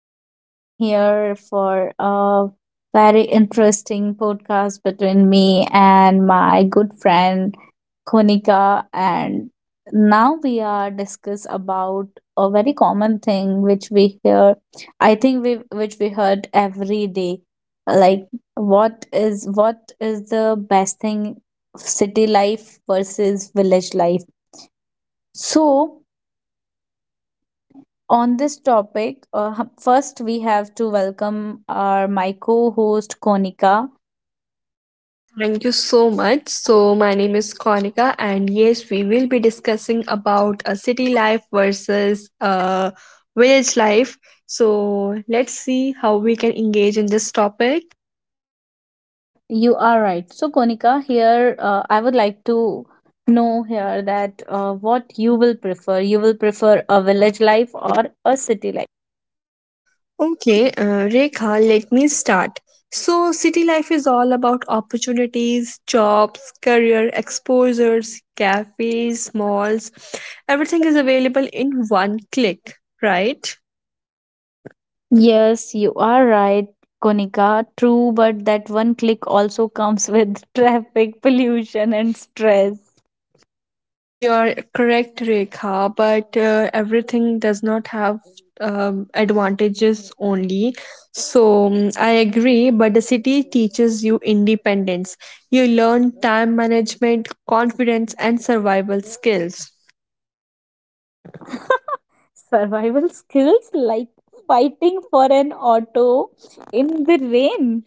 are again here for a very interesting podcast between me and my good friend Konika, and now we are discuss about a very common thing which we hear, I think, we which we heard every day, like what is the best thing, city life versus village life. So, on this topic, first we have to welcome our my co-host Konika. Thank you so much. So, my name is Konika, and yes, we will be discussing about a city life versus a village life. So, let's see how we can engage in this topic. Yeah, you are right. So Konika, here, I would like to know here that, what you will prefer. You will prefer a village life or a city life? Okay, Rekha, let me start. So, city life is all about opportunities, jobs, career exposures, cafes, malls. Everything is available in one click, right? Yes, you are right, Konika. True, but that one click also comes with traffic pollution and stress. You are correct, Rekha, but everything does not have advantages only. So I agree, but the city teaches you independence. You learn time management, confidence, and survival skills. Survival skills like fighting for an auto in the rain.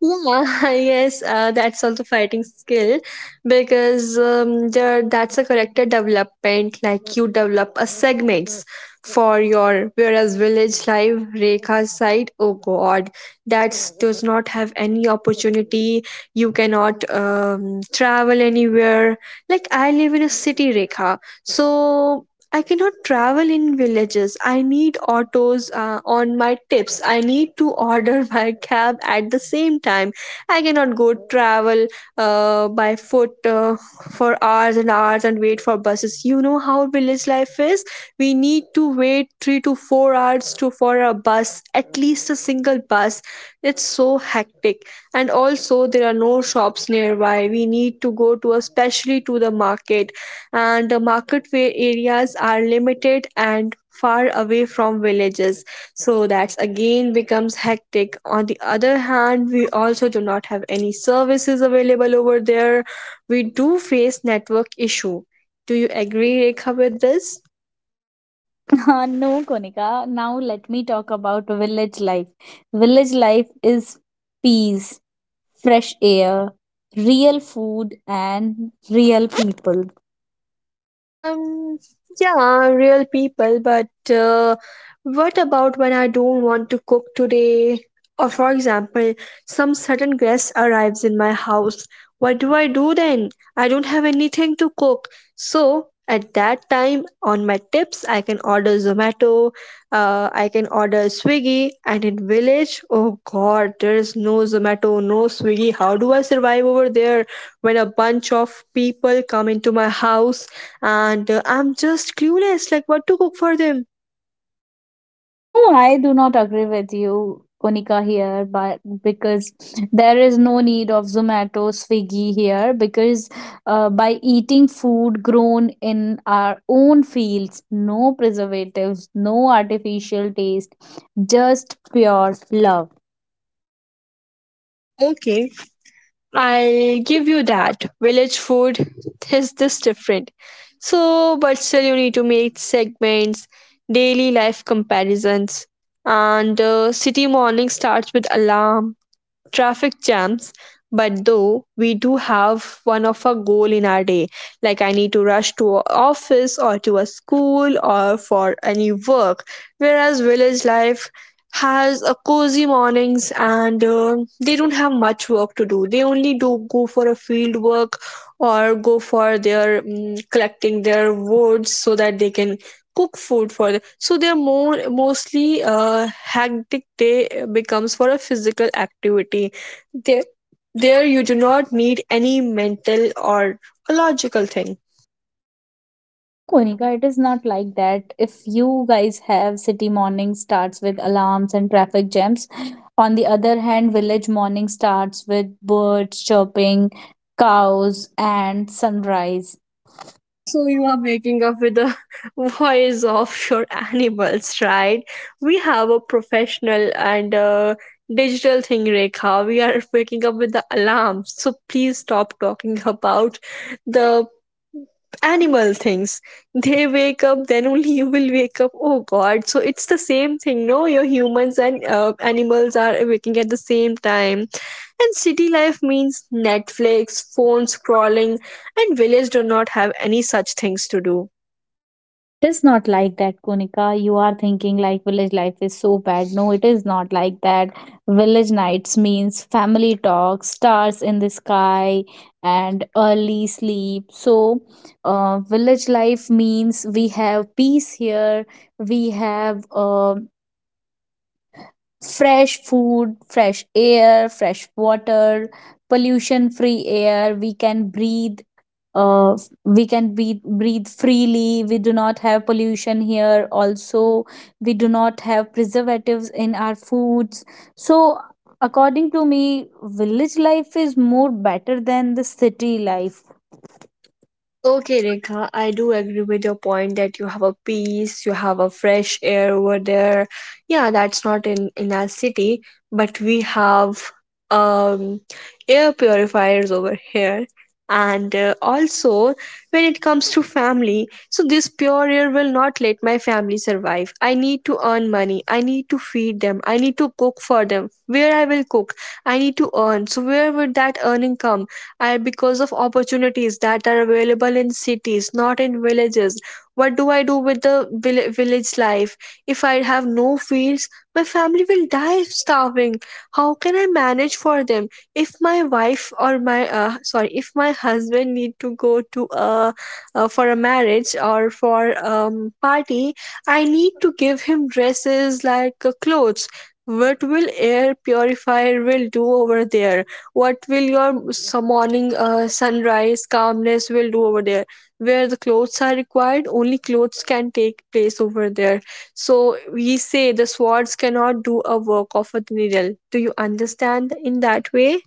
Yeah, yes, that's also fighting skill because that's a character development. Like you develop a segments for your whereas village life Rekha's side. Oh God, that does not have any opportunity. You cannot travel anywhere. Like I live in a city, Rekha, so I cannot travel in villages. I need autos on my tips. I need to order my cab at the same time. I cannot go travel by foot for hours and hours and wait for buses. You know how village life is. We need to wait 3 to 4 hours to for a bus, at least a single bus. It's so hectic, and also there are no shops nearby. We need to go to, especially to the market, and the marketway areas are limited and far away from villages, so that's again becomes hectic. On the other hand, we also do not have any services available over there. We do face network issue. Do you agree, Rekha, with this? No, Konika. Now let me talk about village life. Village life is peace, fresh air, real food, and real people. Um, yeah, real people, but what about when I don't want to cook today? Or, for example, some sudden guest arrives in my house. What do I do then? I don't have anything to cook. So, at that time, on my tips, I can order Zomato, I can order Swiggy, and in village, oh god, there is no Zomato, no Swiggy. How do I survive over there when a bunch of people come into my house? And I'm just clueless like what to cook for them. No, I do not agree with you, Konika, here, but because there is no need of Zomato, Swiggy here, because, by eating food grown in our own fields, no preservatives, no artificial taste, just pure love. Okay. I'll give you that. Village food is this different. So, but still, you need to make segments, daily life comparisons, and city morning starts with alarm, traffic jams, but though we do have one of a goal in our day, like I need to rush to a office or to a school or for any work, whereas village life has a cozy mornings and they don't have much work to do. They only do go for a field work or go for their collecting their woods so that they can cook food for them. So their more mostly hectic day becomes for a physical activity. There, there you do not need any mental or a logical thing. No, Konika, it is not like that. If you guys have city morning starts with alarms and traffic jams, on the other hand, village morning starts with birds chirping, cows, and sunrise. So you are waking up with the voice of your animals, right? We have a professional and a digital thing, Rekha. We are waking up with the alarms. So please stop talking about the animal things. They wake up, then only you will wake up. Oh God! So it's the same thing, no? Your humans and animals are waking at the same time. And city life means Netflix, phone scrolling, and village do not have any such things to do. It is not like that, Konika. You are thinking like village life is so bad. No, it is not like that. Village nights means family talk, stars in the sky, and early sleep. So, village life means we have peace here, we have, fresh food, fresh air, fresh water, pollution free air. We can breathe, uh, we can breathe freely. We do not have pollution here also, we do not have preservatives in our foods, so according to me village life is more better than the city life. Okay, Rekha, I do agree with your point that you have a peace, you have a fresh air over there. Yeah, that's not in our city, but we have um air purifiers over here. And also, when it comes to family, so this pure air will not let my family survive. I need to earn money. I need to feed them. I need to cook for them. Where I will cook, I need to earn. So where would that earning come? I because of opportunities that are available in cities, not in villages. What do I do with the village life? If I have no fields, my family will die starving. How can I manage for them? If my wife or my sorry, if my husband need to go to for a marriage or for um party, I need to give him dresses like clothes. What will air purifier will do over there? What will your morning sunrise calmness will do over there? Where the clothes are required, only clothes can take place over there. So we say the swords cannot do a work of a needle. Do you understand in that way?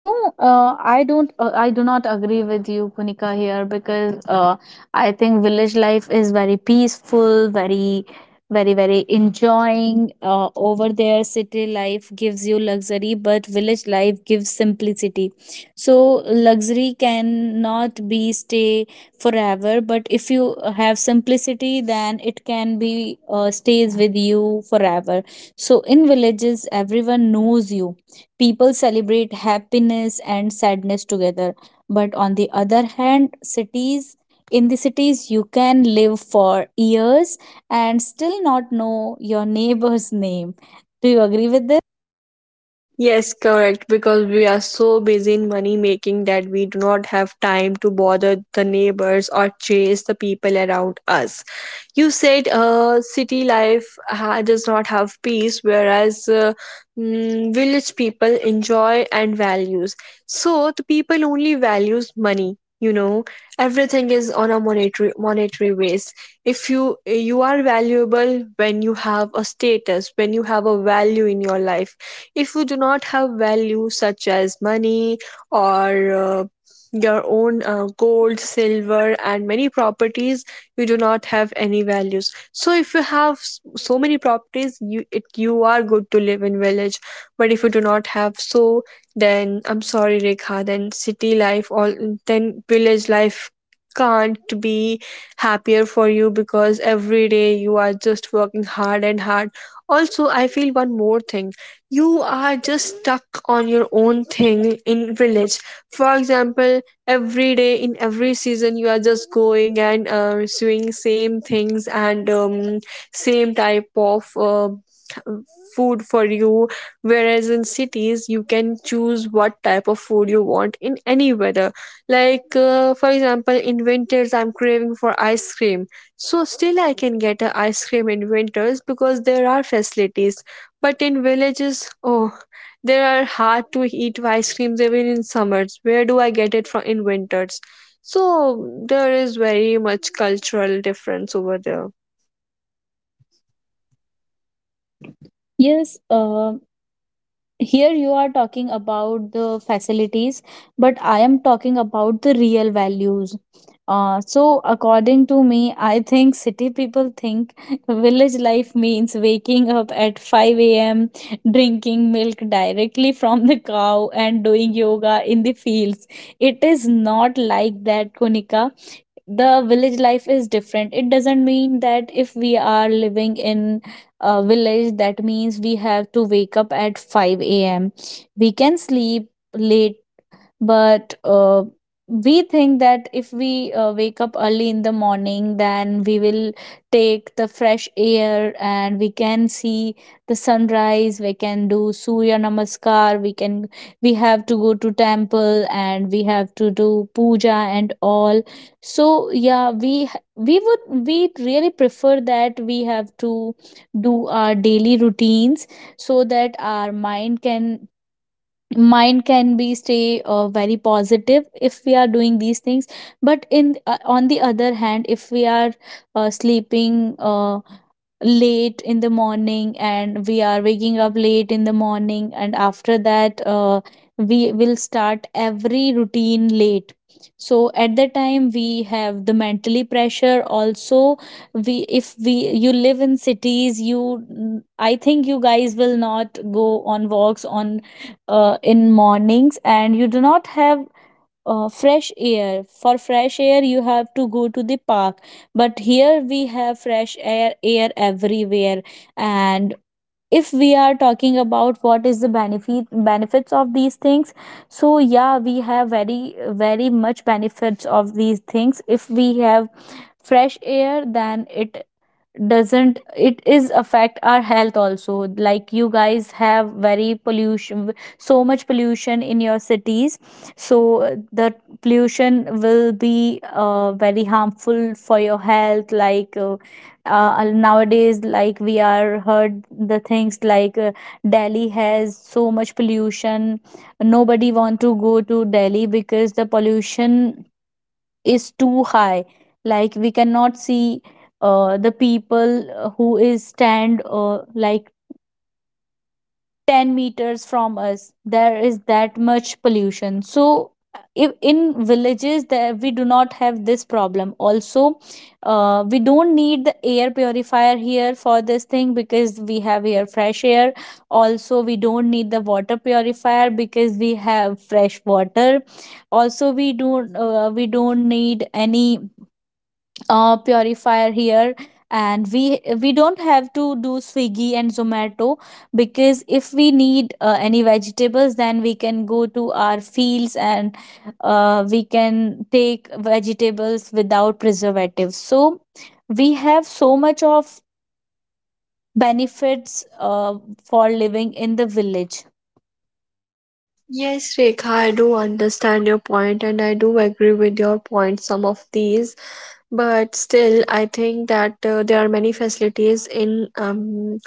No, I don't. I do not agree with you, Punika, here because, I think village life is very peaceful, very, very, very enjoying. Over there, city life gives you luxury, but village life gives simplicity. So luxury cannot be stay forever, but if you have simplicity, then it can be, stays with you forever. So in villages, everyone knows you. People celebrate happiness and sadness together. But on the other hand, cities in the cities you can live for years and still not know your neighbor's name. Do you agree with this? Yes, correct. Because we are so busy in money making that we do not have time to bother the neighbors or chase the people around us. You said city life does not have peace, whereas village people enjoy and values. So the people only values money. You know, everything is on a monetary base. If you are valuable when you have a status, when you have a value in your life, if you do not have values such as money or your own gold, silver, and many properties, you do not have any values. So if you have so many properties, you it you are good to live in village. But if you do not have so, then I'm sorry, Rekha. Then city life, all then village life can't be happier for you because every day you are just working hard and hard. Also, I feel one more thing, you are just stuck on your own thing in village. For example, every day in every season you are just going and doing same things, and same type of food for you, whereas in cities you can choose what type of food you want in any weather. Like for example, in winters I'm craving for ice cream, so still I can get a ice cream in winters because there are facilities. But in villages, oh, there are hard to eat ice creams even in summers. Where do I get it from in winters? So there is very much cultural difference over there. Yes, here you are talking about the facilities, but I am talking about the real values. So according to me, I think city people think village life means waking up at 5 a.m, drinking milk directly from the cow, and doing yoga in the fields. It is not like that, Konika. The village life is different, it doesn't mean that if we are living in a village, that means we have to wake up at 5 a.m. We can sleep late, but, we think that if we, wake up early in the morning, then we will take the fresh air, and we can see the sunrise, we can do surya namaskar, we have to go to temple and we have to do puja and all. So yeah, we really prefer that we have to do our daily routines so that our mind can be stay, very positive if we are doing these things. But in on the other hand, if we are, sleeping, late in the morning, and we are waking up late in the morning, and after that, we will start every routine late. So at that time we have the mentally pressure also. We if we you live in cities, you I think you guys will not go on walks, on in mornings, and you do not have, fresh air. For fresh air you have to go to the park, but here we have fresh air everywhere. And if we are talking about what is the benefits of these things, so yeah we have very, very much benefits of these things. If we have fresh air, then it doesn't it is affect our health also. Like you guys have very pollution so much pollution in your cities, so the pollution will be, very harmful for your health. Like, nowadays, like we are heard the things like, Delhi has so much pollution. Nobody want to go to Delhi because the pollution is too high. Like we cannot see, the people, who is stand, like 10 meters from us, there is that much pollution. So if in villages there, we do not have this problem also. We don't need the air purifier here for this thing because we have here fresh air. Also we don't need the water purifier because we have fresh water. Also we don't need any, purifier here. And we don't have to do Swiggy and Zomato, because if we need, any vegetables, then we can go to our fields, and, we can take vegetables without preservatives. So we have so much of benefits, for living in the village. Yes, Rekha, I do understand your point and I do agree with your point, some of these. But still, I think that there are many facilities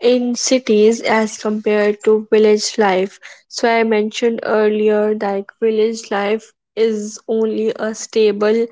in cities as compared to village life. So I mentioned earlier that village life is only a stable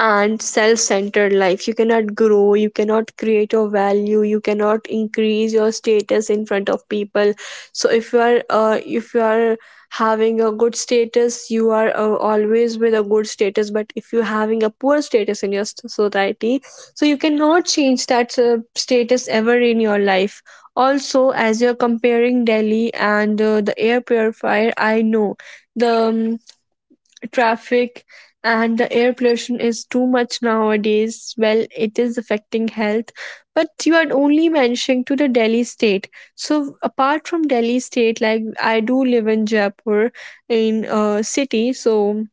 and self centered life. You cannot grow, you cannot create your value, you cannot increase your status in front of people. So if you are having a good status, you are always with a good status. But if you're having a poor status in your society, so you cannot change that status ever in your life. Also, as you're comparing Delhi and the air purifier, I know the. Traffic and the air pollution is too much nowadays. Well, it is affecting health. But you are only mentioning to the Delhi state. So apart from Delhi state, like I do live in Jaipur in a city, so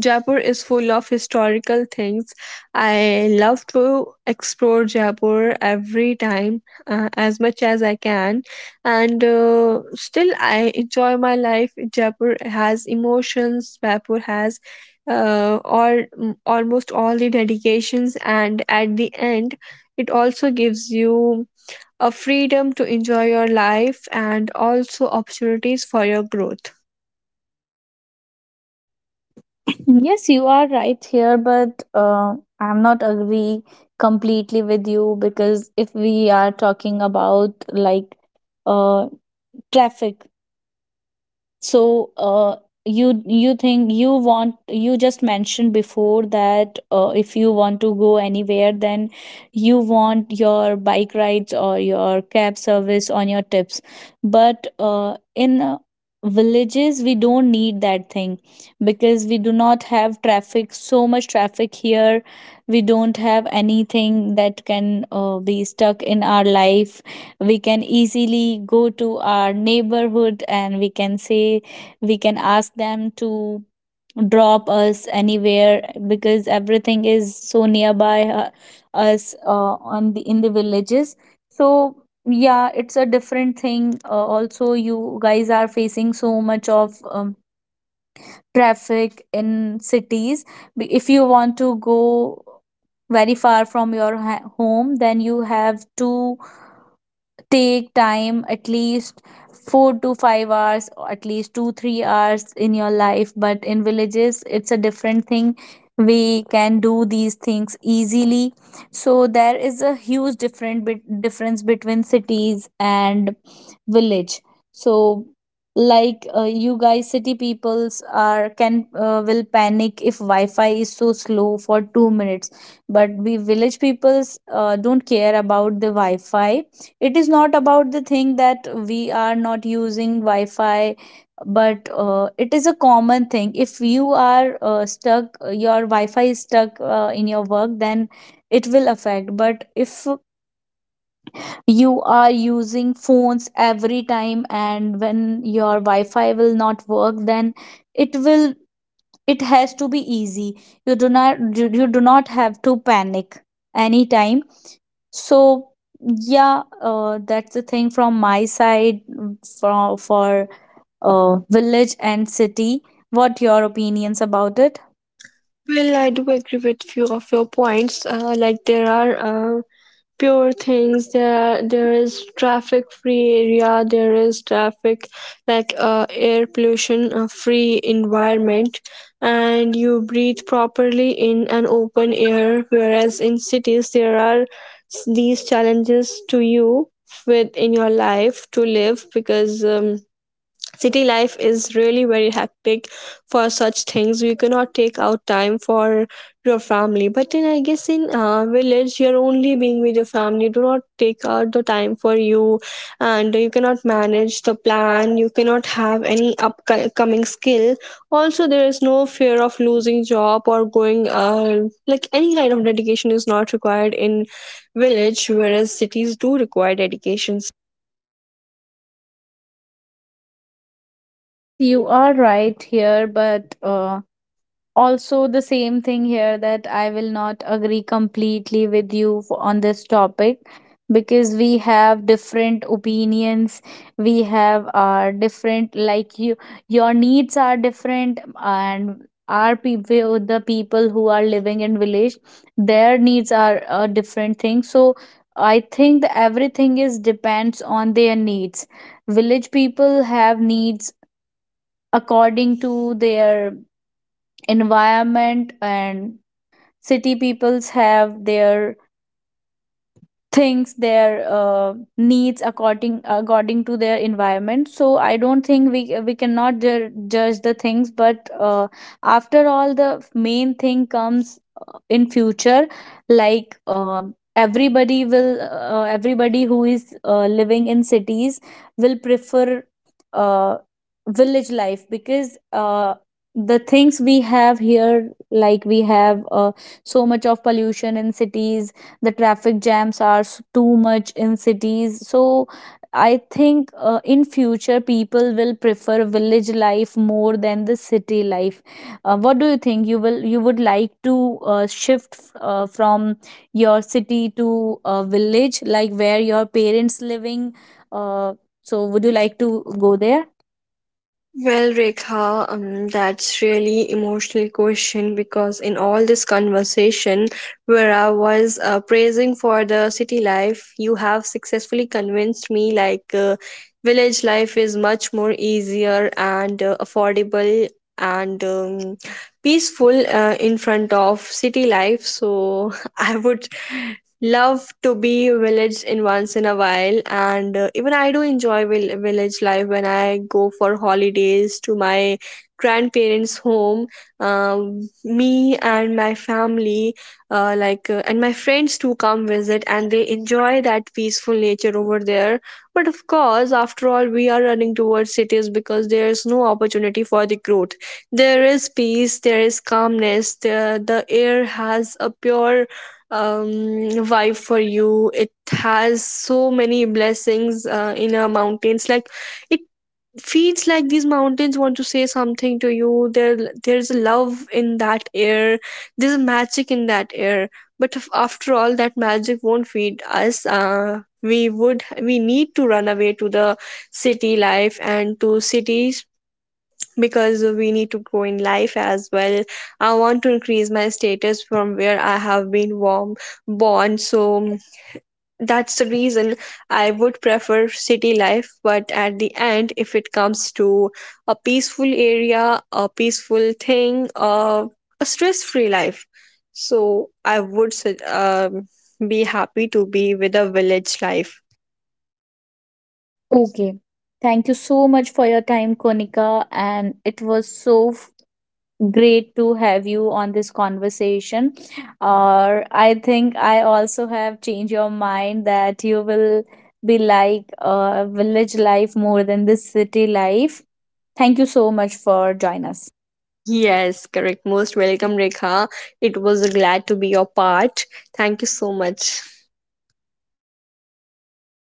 Jaipur is full of historical things. I love to explore Jaipur every time as much as I can, and still I enjoy my life. Jaipur has emotions, Jaipur has all, almost all the dedications, and at the end, it also gives you a freedom to enjoy your life and also opportunities for your growth. Yes, you are right here, but, I'm not agree completely with you, because if we are talking about, like, uh, traffic, so, you you think you want you just mentioned before that, if you want to go anywhere, then you want your bike rides or your cab service on your tips. But, in villages, we don't need that thing, because we do not have traffic, so much traffic here. We don't have anything that can, be stuck in our life. We can easily go to our neighborhood and we can ask them to drop us anywhere, because everything is so nearby, us, on the in the villages. So yeah, it's a different thing, also you guys are facing so much of, traffic in cities. If you want to go very far from your home, then you have to take time at least 4 to 5 hours, or at least 2 3 hours in your life, but in villages it's a different thing. We can do these things easily. So there is a huge different bit difference between cities and village. So like, you guys city peoples are can will panic if wi-fi is so slow for 2 minutes, but we village peoples, don't care about the wi-fi. It is not about the thing that we are not using wi-fi, but, it is a common thing. If you are, stuck your wi-fi is stuck, in your work, then it will affect. But if you are using phones every time and when your wi-fi will not work, then it will it has to be easy. You do not have to panic anytime. So yeah, that's the thing from my side, for, village and city. What your opinions about it? Well, I do agree with few of your points. Like there are pure things. There are, there is traffic free area. There is traffic like air pollution free environment, and you breathe properly in an open air. Whereas in cities, there are these challenges to you with in your life to live because. City life is really very hectic, for such things you cannot take out time for your family, but in I guess in village you're only being with your family, you do not take out the time for you, and you cannot manage the plan, you cannot have any upcoming skill. Also there is no fear of losing job or going like any kind of dedication is not required in village, whereas cities do require dedication. Yes, you are right here, but, also the same thing here, that I will not agree completely with you, on this topic, because we have different opinions. We have our different, like, your needs are different. And our people the people who are living in village, their needs are a different thing. So I think that everything is depends on their needs. Village people have needs according to their environment, and city peoples have their, needs according to their environment. So I don't think we cannot judge the things, but, after all the main thing comes, in future. Like, everybody who is, living in cities will prefer, uh, village life, because, the things we have here, like we have, so much of pollution in cities. The traffic jams are too much in cities. So I think, in future people will prefer village life more than the city life. What do you think, you would like to, shift, from your city to a village, like where your parents living, uh, so would you like to go there? Well, Rekha, that's really emotional question because in all this conversation where I was praising for the city life, you have successfully convinced me like village life is much more easier and affordable and peaceful in front of city life. So I would love to be village in once in a while, and even I do enjoy village life when I go for holidays to my grandparents home. Me and my family, and my friends too come visit and they enjoy that peaceful nature over there. But of course after all we are running towards cities because there is no opportunity for the growth. There is peace, there is calmness, the air has a pure vibe for you. It has so many blessings in our mountains. Like it feels like these mountains want to say something to you. There's love in that air. There's magic in that air. But after all, that magic won't feed us. We need to run away to the city life and to cities because we need to grow in life as well. I want to increase my status from where I have been born. So that's the reason I would prefer city life. But at the end, if it comes to a peaceful area, a peaceful thing, a stress free life, so I would be happy to be with a village life. Okay, thank you so much for your time, Konika, and it was so great to have you on this conversation. Or I think I also have changed your mind that you will be like, village life more than this city life. Thank you so much for joining us. Yes, correct. Most welcome, Rekha. It was a glad to be your part. Thank you so much.